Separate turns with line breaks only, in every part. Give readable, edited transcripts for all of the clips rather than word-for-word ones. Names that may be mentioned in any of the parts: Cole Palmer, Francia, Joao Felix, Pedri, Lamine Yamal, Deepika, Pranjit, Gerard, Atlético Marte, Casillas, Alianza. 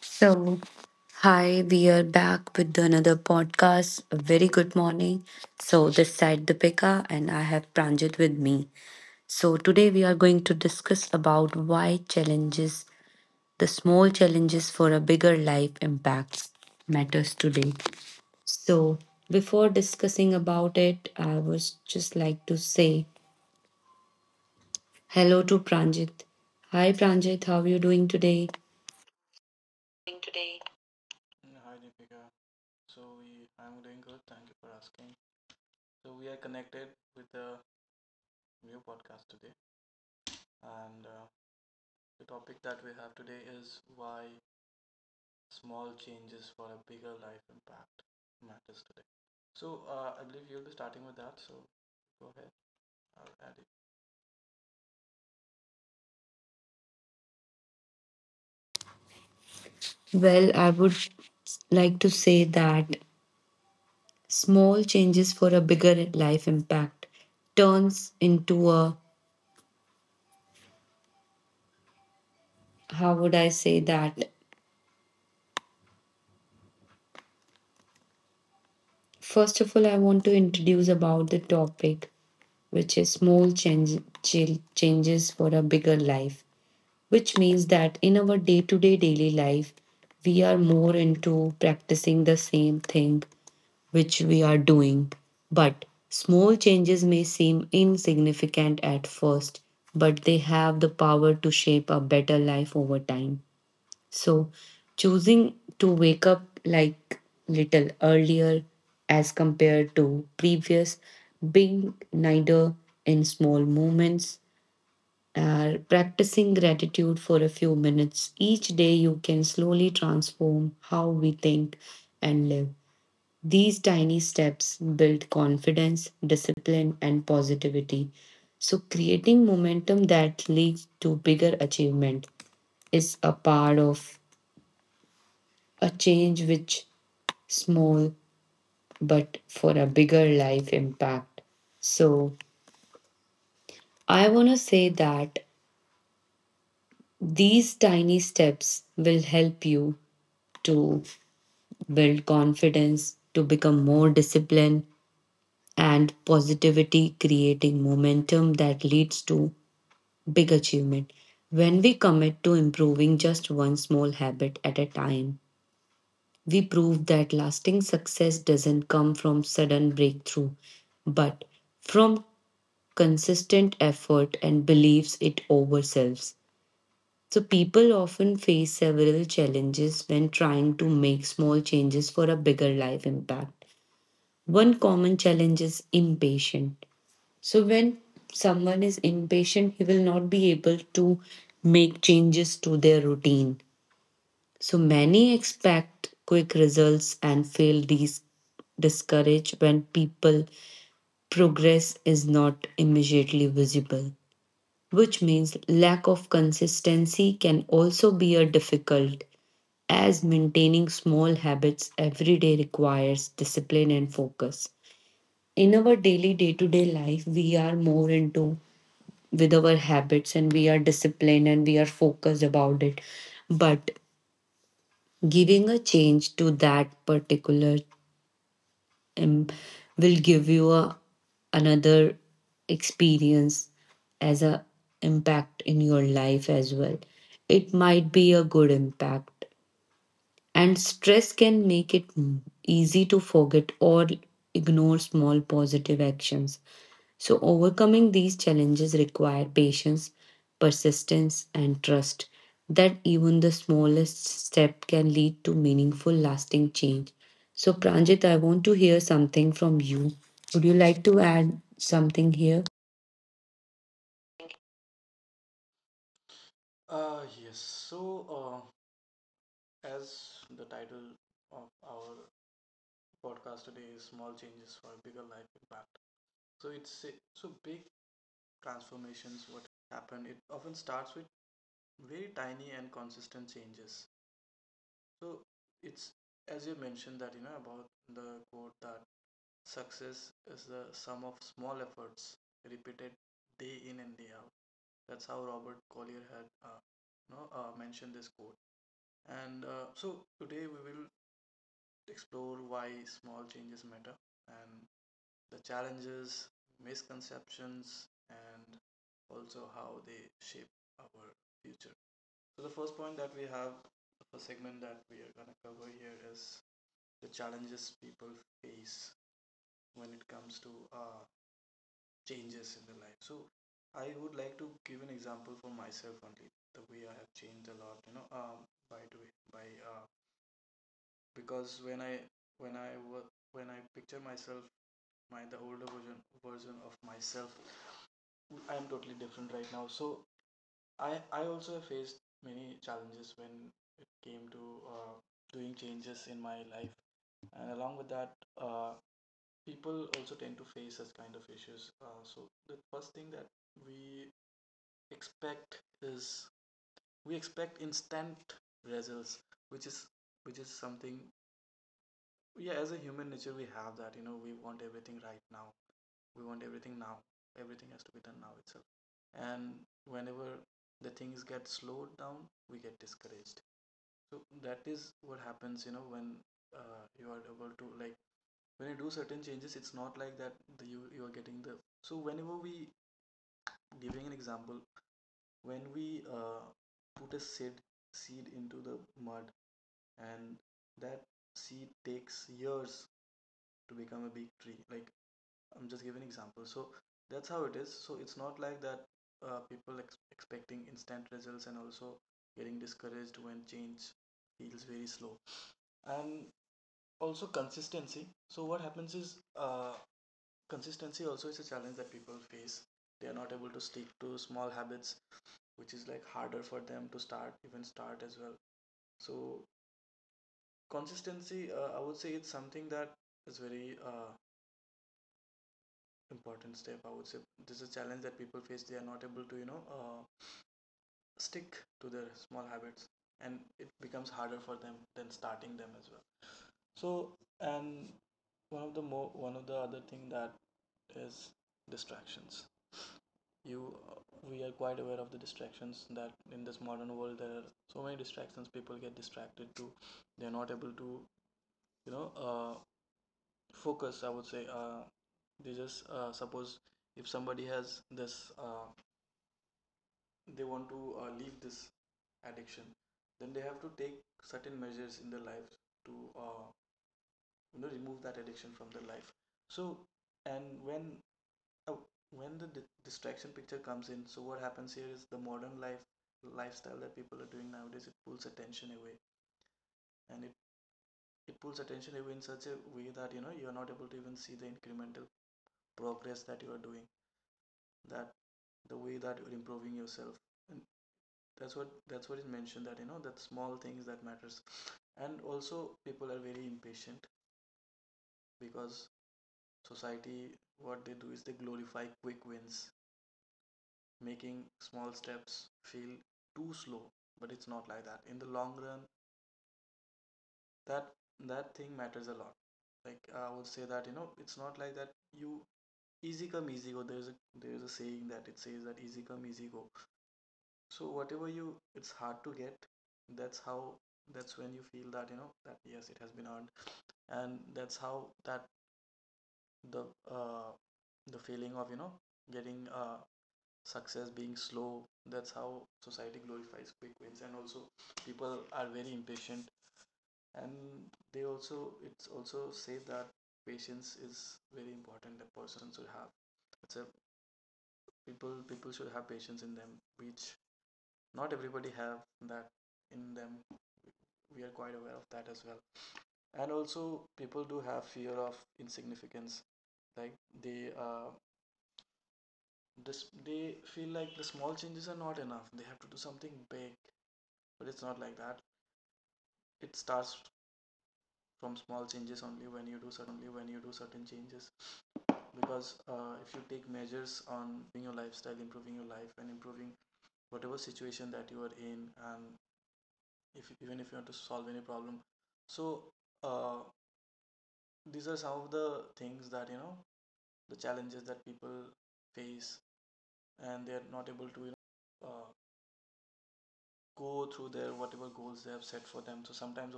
So, hi, we are back with another podcast. A very good morning. So, this side Deepika and I have Pranjit with me. So, today we are going to discuss about why challenges, the small challenges for a bigger life impact matters today. So, before discussing about it, I was just like to say hello to Pranjit. Hi Pranjit, how are you doing today?
Today.
Well, I would like to say that small changes for a bigger life impact turns into a, how would I say that? First of all, I want to introduce about the topic, which is small change, changes for a bigger life, which means that in our day to day daily life, we are more into practicing the same thing which we are doing. But small changes may seem insignificant at first, but they have the power to shape a better life over time. So, choosing to wake up like little earlier as compared to previous being neither in small moments are practicing gratitude for a few minutes each day, you can slowly transform how we think and live. These tiny steps build confidence, discipline and positivity, so creating momentum that leads to bigger achievement is a part of a change which small but for a bigger life impact. So I want to say that these tiny steps will help you to build confidence, to become more disciplined and positivity creating momentum that leads to big achievement. When we commit to improving just one small habit at a time, we proved that lasting success doesn't come from sudden breakthrough, but from consistent effort and believes it ourselves. So people often face several challenges when trying to make small changes for a bigger life impact. One common challenge is impatient. So when someone is impatient, he will not be able to make changes to their routine. So many expect quick results and feel discouraged when people progress is not immediately visible, which means lack of consistency can also be a difficult as maintaining small habits every day requires discipline and focus. In our daily day-to-day life, we are more into with our habits and we are disciplined and we are focused about it. But giving a change to that particular um, will give you a, another experience as a impact in your life as well. It might be a good impact, and stress can make it easy to forget or ignore small positive actions. So, overcoming these challenges require patience, persistence, and trust that even the smallest step can lead to meaningful, lasting change. So, Pranjit, I want to hear something from you. Would you like to add something here?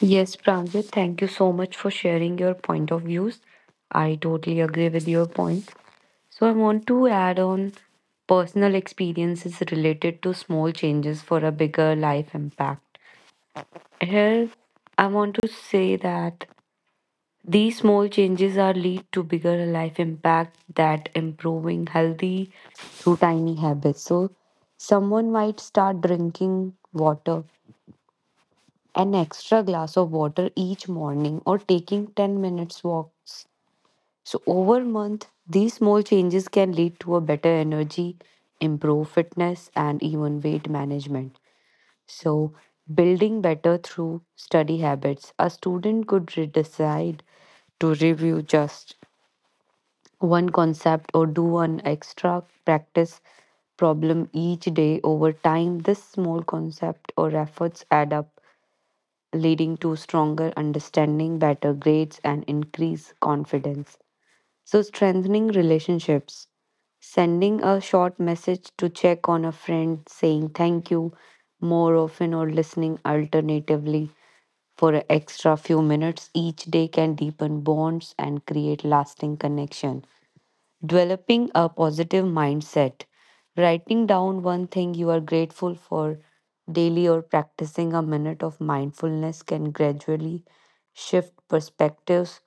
Yes, Pranjit, thank you so much for sharing your point of views. I totally agree with your point. So, I want to add on personal experiences related to small changes for a bigger life impact. Here, I want to say that these small changes are lead to bigger life impact that improving healthy through tiny habits. So, someone might start drinking water, an extra glass of water each morning, or taking 10 minutes walks. So, over month, these small changes can lead to a better energy, improve fitness, and even weight management. So, building better through study habits, a student could decide to review just one concept or do an extra practice problem each day. Over time, this small concept or efforts add up, leading to stronger understanding, better grades, and increased confidence. So, strengthening relationships, sending a short message to check on a friend, saying thank you more often, or listening alternatively for an extra few minutes each day can deepen bonds and create lasting connection. Developing a positive mindset, writing down one thing you are grateful for daily or practicing a minute of mindfulness can gradually shift perspectives,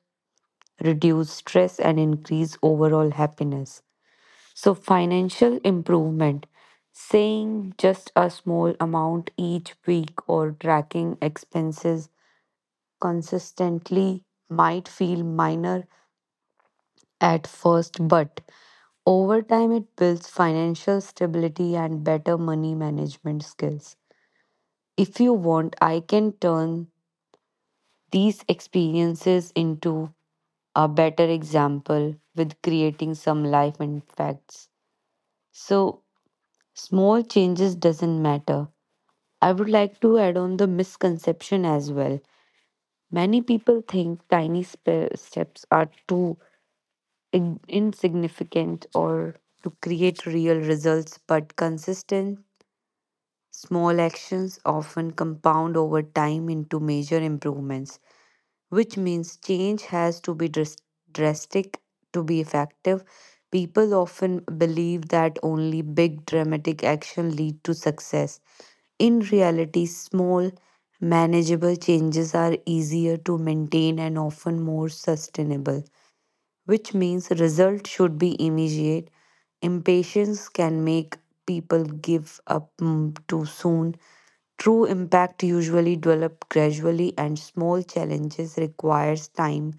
reduce stress, and increase overall happiness. So, financial improvement saying just a small amount each week or tracking expenses consistently might feel minor at first, but over time it builds financial stability and better money management skills. If you want, I can turn these experiences into a better example with creating some life impacts. So, small changes doesn't matter. I would like to add on the misconception as well. Many people think tiny steps are too insignificant or to create real results, but consistent small actions often compound over time into major improvements, which means change has to be drastic to be effective. People often believe that only big dramatic action lead to success. In reality, small, manageable changes are easier to maintain and often more sustainable, which means result should be immediate. Impatience can make people give up too soon. True impact usually develops gradually, and small challenges requires time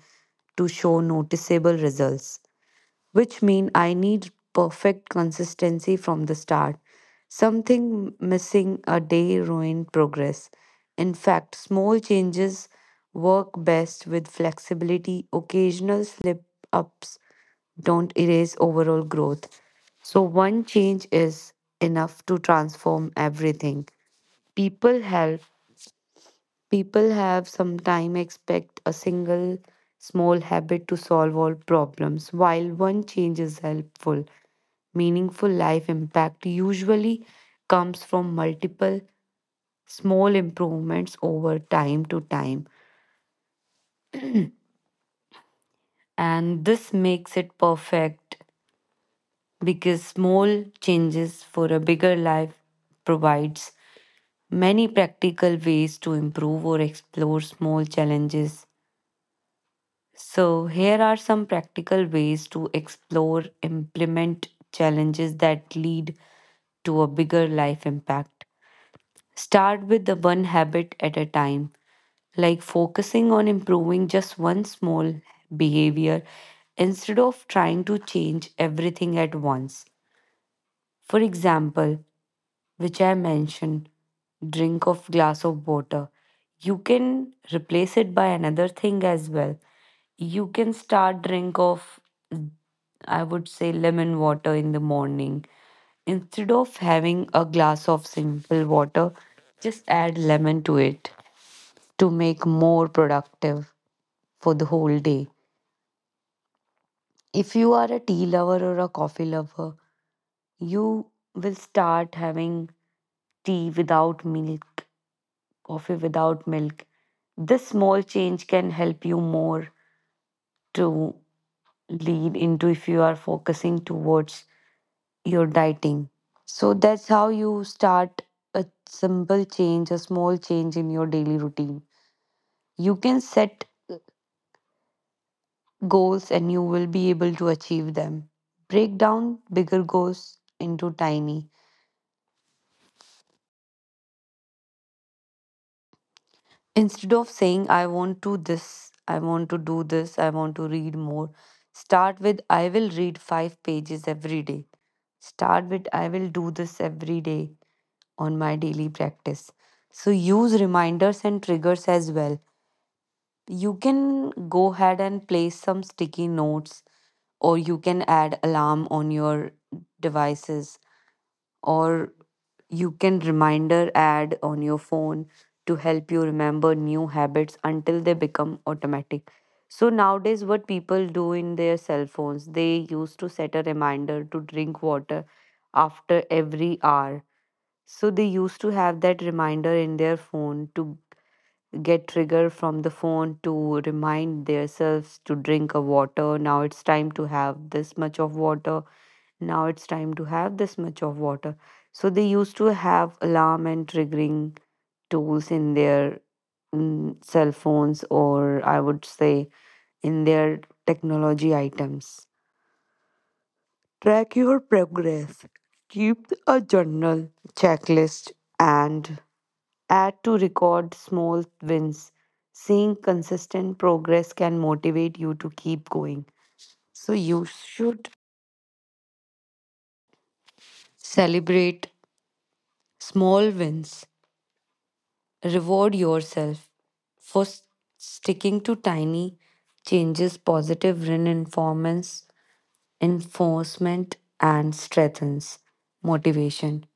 to show noticeable results, which mean I need perfect consistency from the start. Something missing a day ruin progress. In fact, small changes work best with flexibility. Occasional slip ups don't erase overall growth. So, one change is enough to transform everything. People help, people have sometimes expect a single small habit to solve all problems, while one change is helpful. Meaningful life impact usually comes from multiple small improvements over time to time. And this makes it perfect because small changes for a bigger life provides many practical ways to improve or explore small challenges. So, here are some practical ways to explore, implement challenges that lead to a bigger life impact. Start with the one habit at a time, like focusing on improving just one small behavior instead of trying to change everything at once. For example, which I mentioned, drink of glass of water, you can replace it by another thing as well. You can start drink of, I would say, lemon water in the morning. Instead of having a glass of simple water, just add lemon to it to make more productive for the whole day. If you are a tea lover or a coffee lover, you will start having tea without milk, coffee without milk. This small change can help you more to lead into if you are focusing towards your dieting. So that's how you start a simple change, a small change in your daily routine. You can set goals and you will be able to achieve them. Break down bigger goals into tiny. Instead of saying, I want to this, I want to do this, I want to read more, start with, I will read 5 pages every day. Start with, I will do this every day on my daily practice. So use reminders and triggers as well. You can go ahead and place some sticky notes, or you can add alarm on your devices, or you can reminder add on your phone to help you remember new habits until they become automatic. So nowadays what people do in their cell phones, they used to set a reminder to drink water after every hour. So they used to have that reminder in their phone to get trigger from the phone to remind themselves to drink a water. Now it's time to have this much of water, now it's time to have this much of water. So they used to have alarm and triggering tools in their cell phones, or I would say in their technology items. Track your progress, keep a journal checklist and add to record small wins. Seeing consistent progress can motivate you to keep going, so you should celebrate small wins. Reward yourself for sticking to tiny changes, positive reinforcements, enforcement, and strengthens motivation.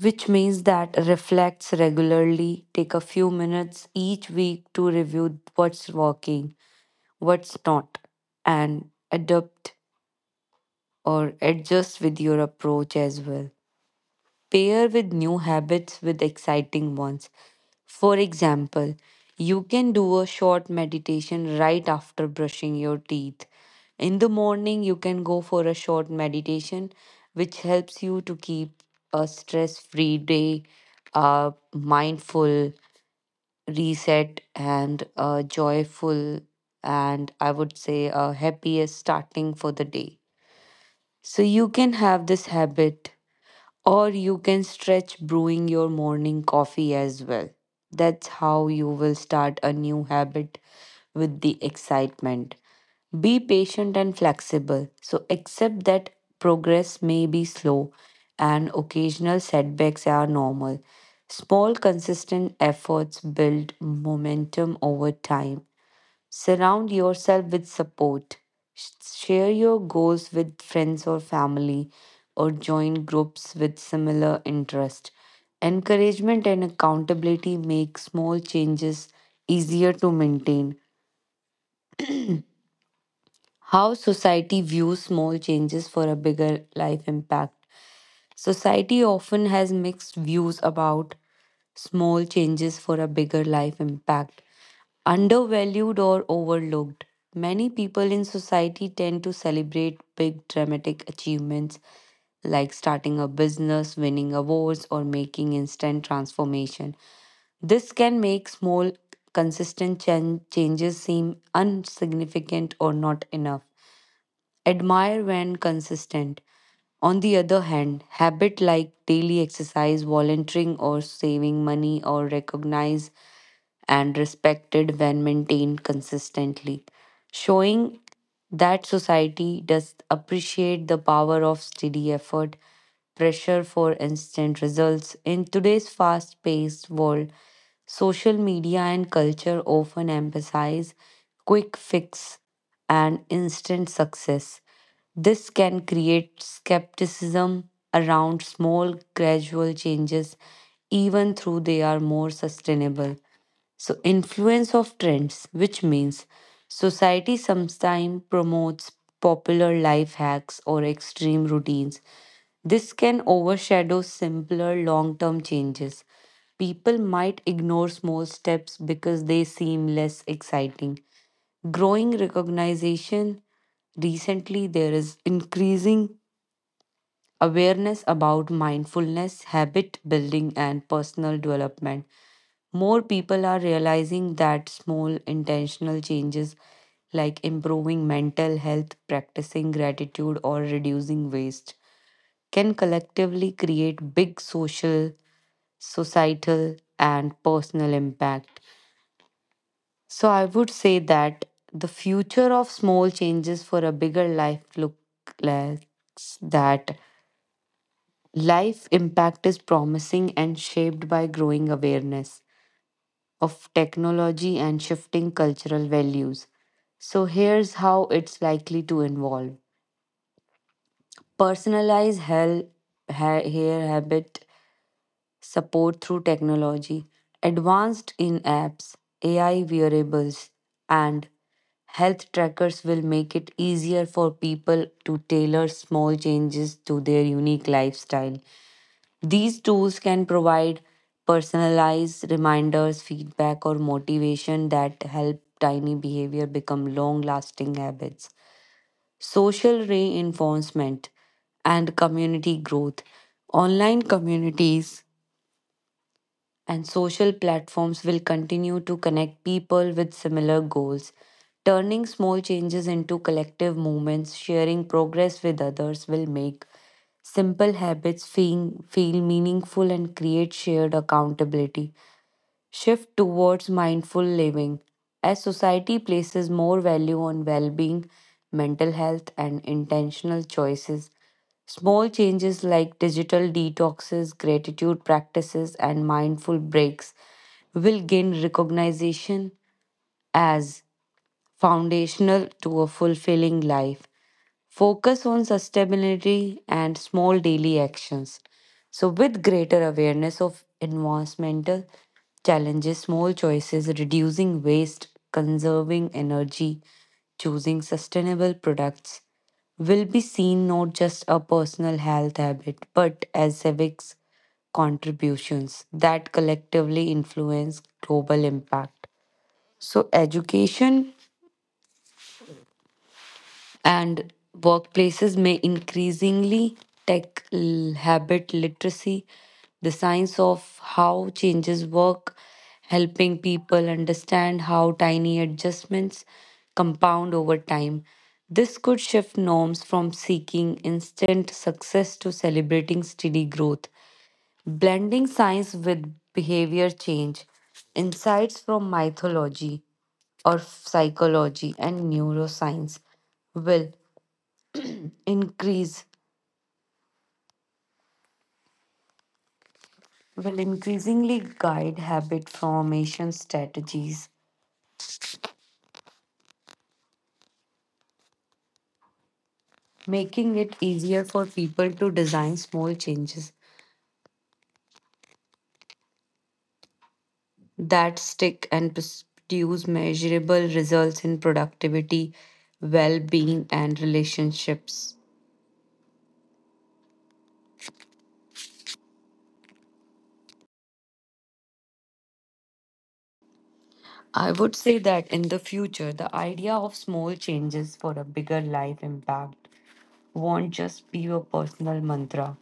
Which means that reflects regularly, take a few minutes each week to review what's working, what's not, and adapt or adjust with your approach as well. Pair with new habits with exciting ones. For example, you can do a short meditation right after brushing your teeth. In the morning, you can go for a short meditation, which helps you to keep a stress free day, a mindful reset, and a joyful and I would say a happiest starting for the day. So, you can have this habit or you can stretch brewing your morning coffee as well. That's how you will start a new habit with the excitement. Be patient and flexible. So, accept that progress may be slow and occasional setbacks are normal. Small, consistent efforts build momentum over time. Surround yourself with support. Share your goals with friends or family, or join groups with similar interest. Encouragement and accountability make small changes easier to maintain. How society views small changes for a bigger life impact. Society often has mixed views about small changes for a bigger life impact. Undervalued or overlooked. Many people in society tend to celebrate big dramatic achievements like starting a business, winning awards, or making instant transformation. This can make small, consistent changes seem insignificant or not enough admire when consistent. On the other hand, habit like daily exercise, volunteering, or saving money are recognized and respected when maintained consistently, showing that society does appreciate the power of steady effort pressure for instant results in today's fast paced world. Social media and culture often emphasize quick fix and instant success. This can create skepticism around small, gradual changes, even though they are more sustainable. So, influence of trends, which means society sometimes promotes popular life hacks or extreme routines. This can overshadow simpler long term changes. People might ignore small steps because they seem less exciting. Growing recognition recently, there is increasing awareness about mindfulness, habit building, and personal development. More people are realizing that small intentional changes like improving mental health, practicing gratitude, or reducing waste can collectively create big social, societal, and personal impact. So, I would say that the future of small changes for a bigger life looks like that life impact is promising and shaped by growing awareness of technology and shifting cultural values. So, here's how it's likely to evolve personalize hair habit support through technology, advanced in apps, AI wearables, and health trackers will make it easier for people to tailor small changes to their unique lifestyle. These tools can provide personalized reminders, feedback, or motivation that help tiny behavior become long lasting habits. Social reinforcement and community growth. Online communities and social platforms will continue to connect people with similar goals. Turning small changes into collective movements, sharing progress with others will make simple habits feel meaningful and create shared accountability shift towards mindful living as society places more value on well being, mental health, and intentional choices. Small changes like digital detoxes, gratitude practices, and mindful breaks will gain recognition as foundational to a fulfilling life. Focus on sustainability and small daily actions. So, with greater awareness of environmental challenges, small choices, reducing waste, conserving energy, choosing sustainable products will be seen not just a personal health habit but as civics contributions that collectively influence global impact. So, education and workplaces may increasingly tech habit literacy, the science of how changes work, helping people understand how tiny adjustments compound over time. This could shift norms from seeking instant success to celebrating steady growth. Blending science with behavior change, insights from mythology or psychology and neuroscience will Increase will increasingly guide habit formation strategies, making it easier for people to design small changes that stick and produce measurable results in productivity, well being, and relationships. I would say that in the future, the idea of small changes for a bigger life impact won't just be a personal mantra.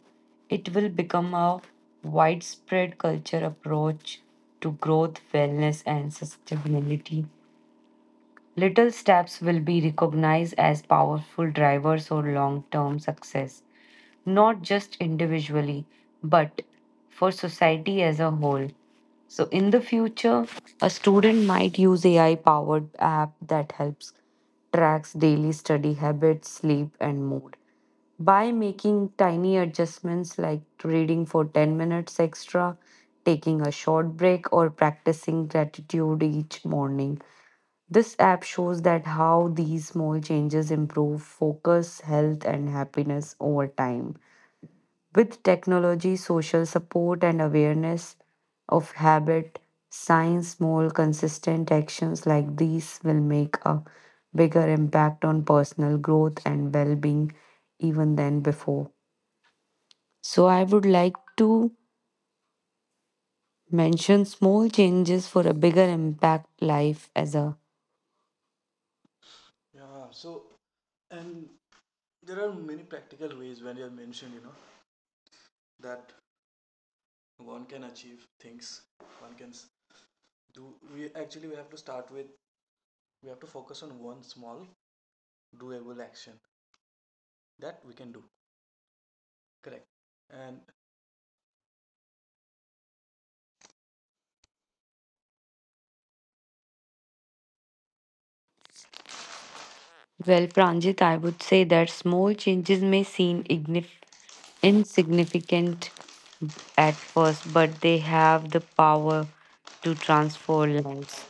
It will become a widespread culture approach to growth, wellness, and sustainability. Little steps will be recognized as powerful drivers for long term success, not just individually, but for society as a whole. So, in the future, a student might use AI powered app that helps tracks daily study habits, sleep, and mood. By making tiny adjustments like reading for 10 minutes extra, taking a short break, or practicing gratitude each morning, this app shows that how these small changes improve focus, health, and happiness over time. With technology, social support, and awareness of habit, science, small, consistent actions like these will make a bigger impact on personal growth and well being even than before. So, I would like to mention small changes for a bigger impact life as a well, Pranjit, I would say that small changes may seem insignificant at first, but they have the power to transform lives.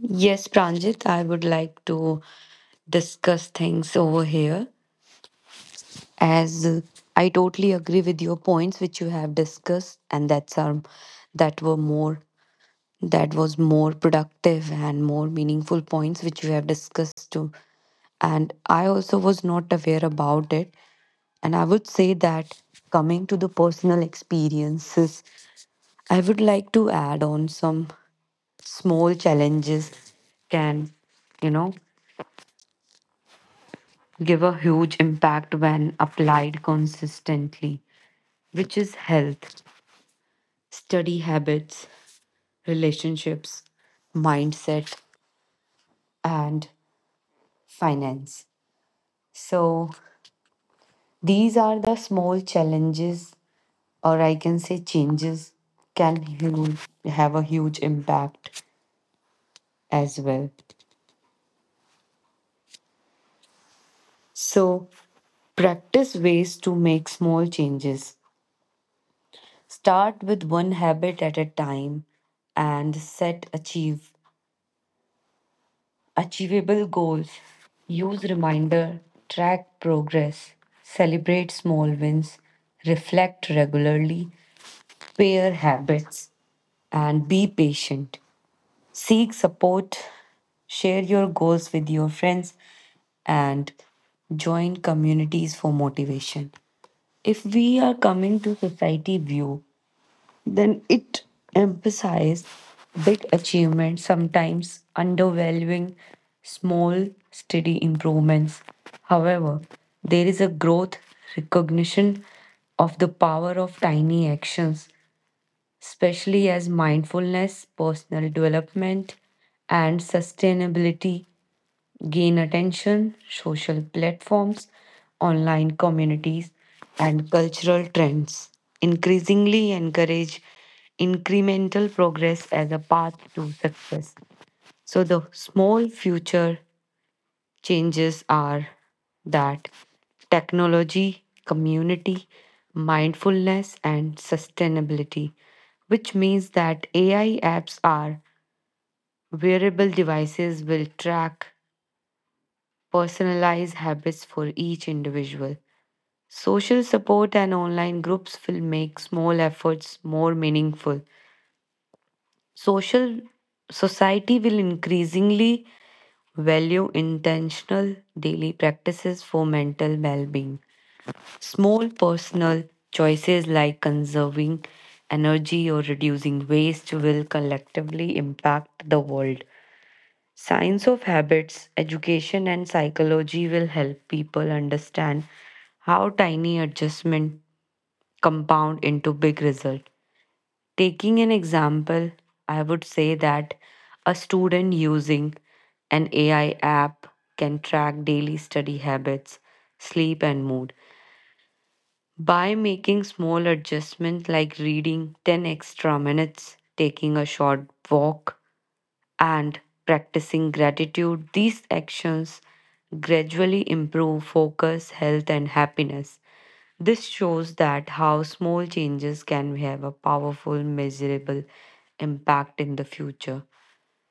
Yes, Pranjit, I would like to discuss things over here as I totally agree with your points which you have discussed, and that were more that was more productive and more meaningful points which you have discussed too. And I also was not aware about it. And I would say that coming to the personal experiences, I would like to add on some small challenges can, you know, give a huge impact when applied consistently, which is health, study habits, relationships, mindset, and finance. So these are the small challenges, or I can say changes, can have a huge impact as well. So, practice ways to make small changes. Start with one habit at a time and set achieve achievable goals. Use reminder, track progress, celebrate small wins, reflect regularly, pair habits and be patient. Seek support, share your goals with your friends, and join communities for motivation. If we are coming to society view, then it emphasizes big achievements, sometimes undervaluing small, steady improvements. However, there is a growth recognition of the power of tiny actions, especially as mindfulness, personal development, and sustainability gain attention, social platforms, online communities, and cultural trends increasingly encourage incremental progress as a path to success. So, the small future changes are that technology, community, mindfulness, and sustainability, which means that AI apps are wearable devices will track personalized habits for each individual. Social support and online groups will make small efforts more meaningful. Social society will increasingly value intentional daily practices for mental well being. Small personal choices like conserving energy or reducing waste will collectively impact the world. Science of habits, education, and psychology will help people understand how tiny adjustment compound into big result. Taking an example, I would say that a student using an AI app can track daily study habits, sleep, and mood. By making small adjustments like reading 10 extra minutes, taking a short walk, and practicing gratitude, these actions gradually improve focus, health, and happiness. This shows that how small changes can have a powerful, measurable impact in the future.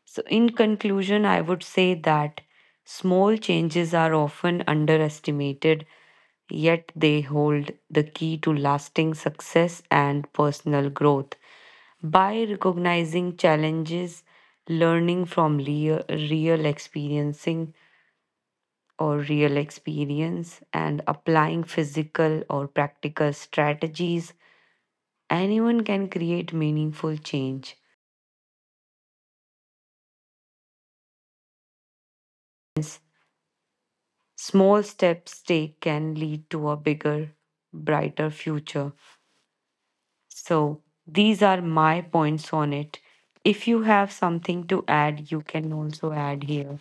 So, in conclusion, I would say that small changes are often underestimated, yet they hold the key to lasting success and personal growth. By recognizing challenges, learning from real experiencing or real experience, and applying physical or practical strategies, anyone can create meaningful change. Small steps they can lead to a bigger, brighter future. So, these are my points on it. If you have something to add, you can also add here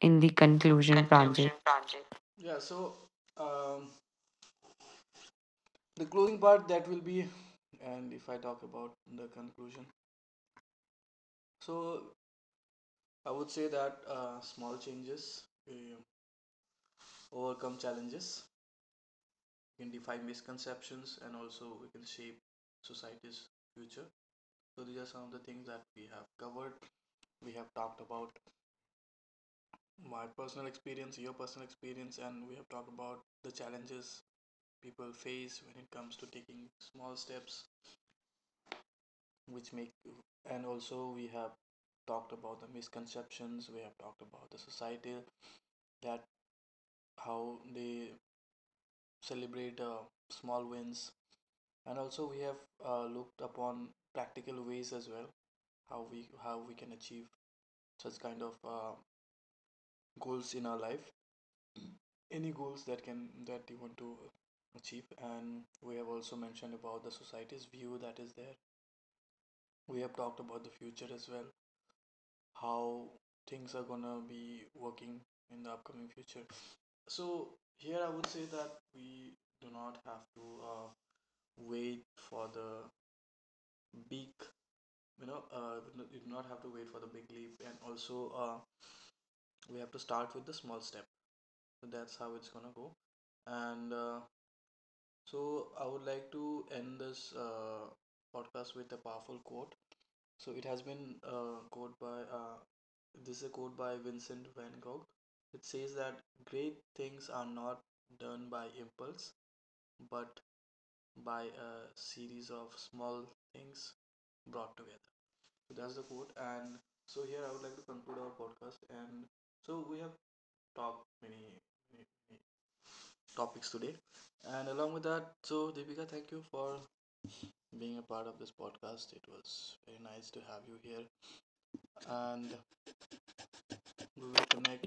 in the conclusion, Pranjit.
Conclusion project.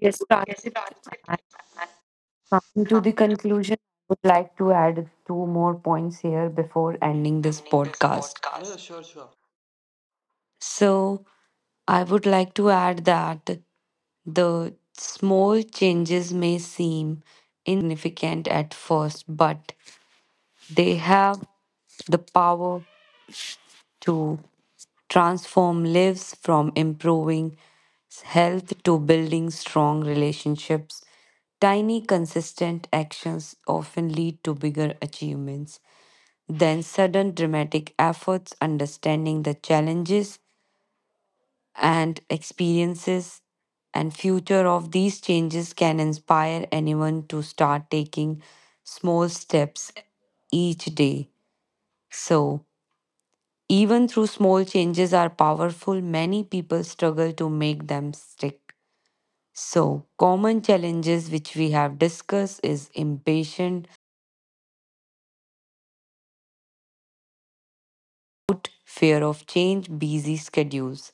Yes,
Yes,
Pranjit,
project.
I
And
come to the
something to
conclusion. I would like to add two more points here before ending this
ending this
podcast.
podcast
So, I would like to add that the small changes may seem insignificant at first, but they have the power to transform lives from improving health to building strong relationships. Tiny, consistent actions often lead to bigger achievements than sudden dramatic efforts. Understanding the challenges and experiences and future of these changes can inspire anyone to start taking small steps each day. So, even through small changes are powerful, many people struggle to make them stick. So, common challenges which we have discussed is impatient, doubt, fear of change, busy schedules.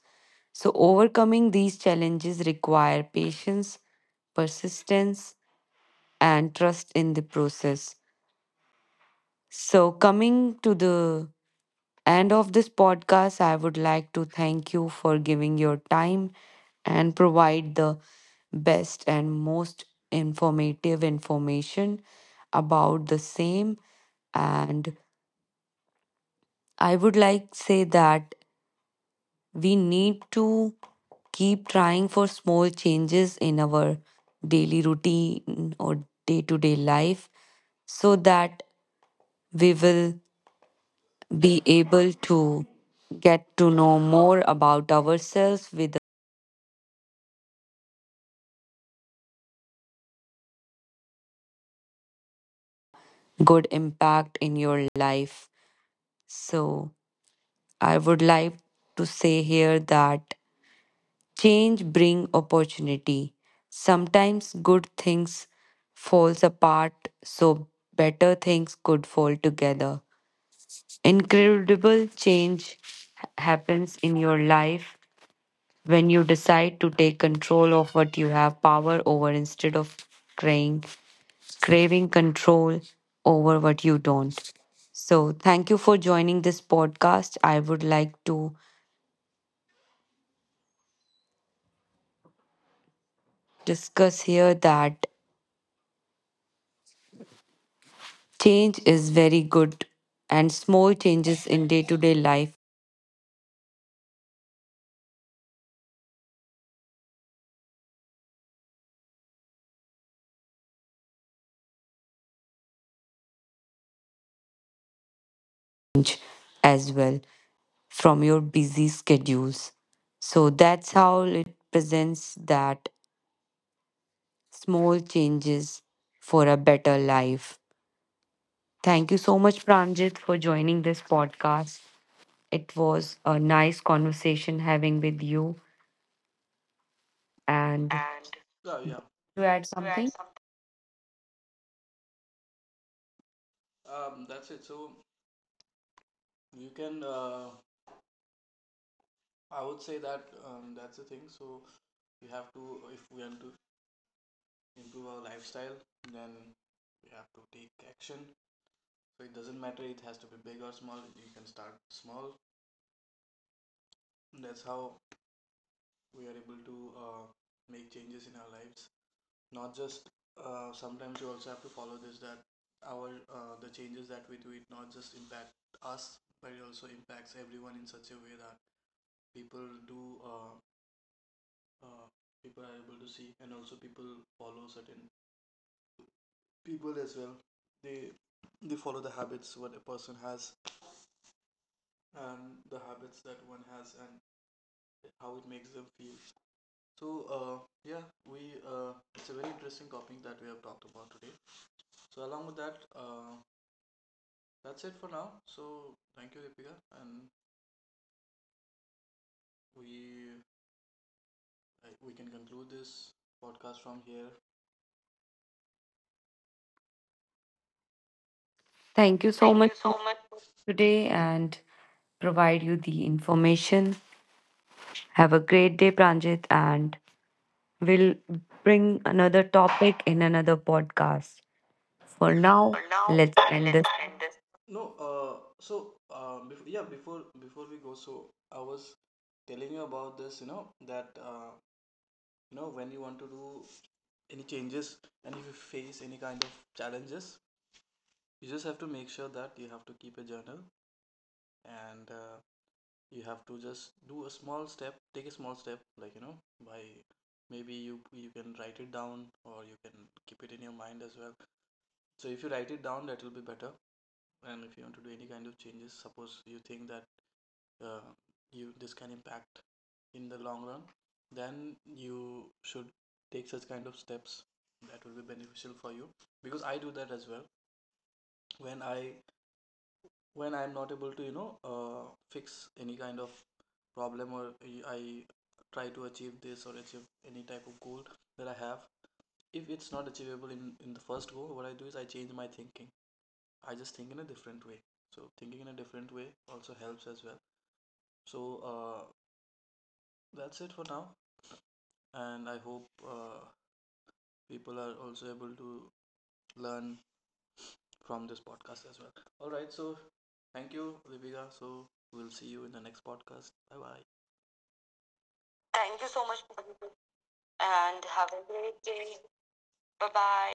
So, overcoming these challenges require patience, persistence, and trust in the process. So, coming to the end of this podcast, I would like to thank you for giving your time and provide the best and most informative information about the same and I would like say that we need to keep trying for small changes in our daily routine or day to day life so that we will be able to get to know more about ourselves with good impact in your life. So, I would like to say here that change bring opportunity. Sometimes good things falls apart so better things could fall together. Incredible change happens in your life when you decide to take control of what you have power over instead of crying craving control over what you don't. So, thank you for joining this podcast. I would like to discuss here that change is very good and small changes in day to day life change as well from your busy schedules. So that's how it presents that small changes for a better life. Thank you so much, Pranjit, for joining this podcast. It was a nice conversation having with you. And
and to
to add
add
something,
something.
thank you so
Thank
much
you
for
so much.
today and provide you the information. Have a great day, Pranjit, and we'll bring another topic in another podcast. For now,
Well, now,
let's end
let's
this.
end this. Thank you so much, and have a great day. Bye bye.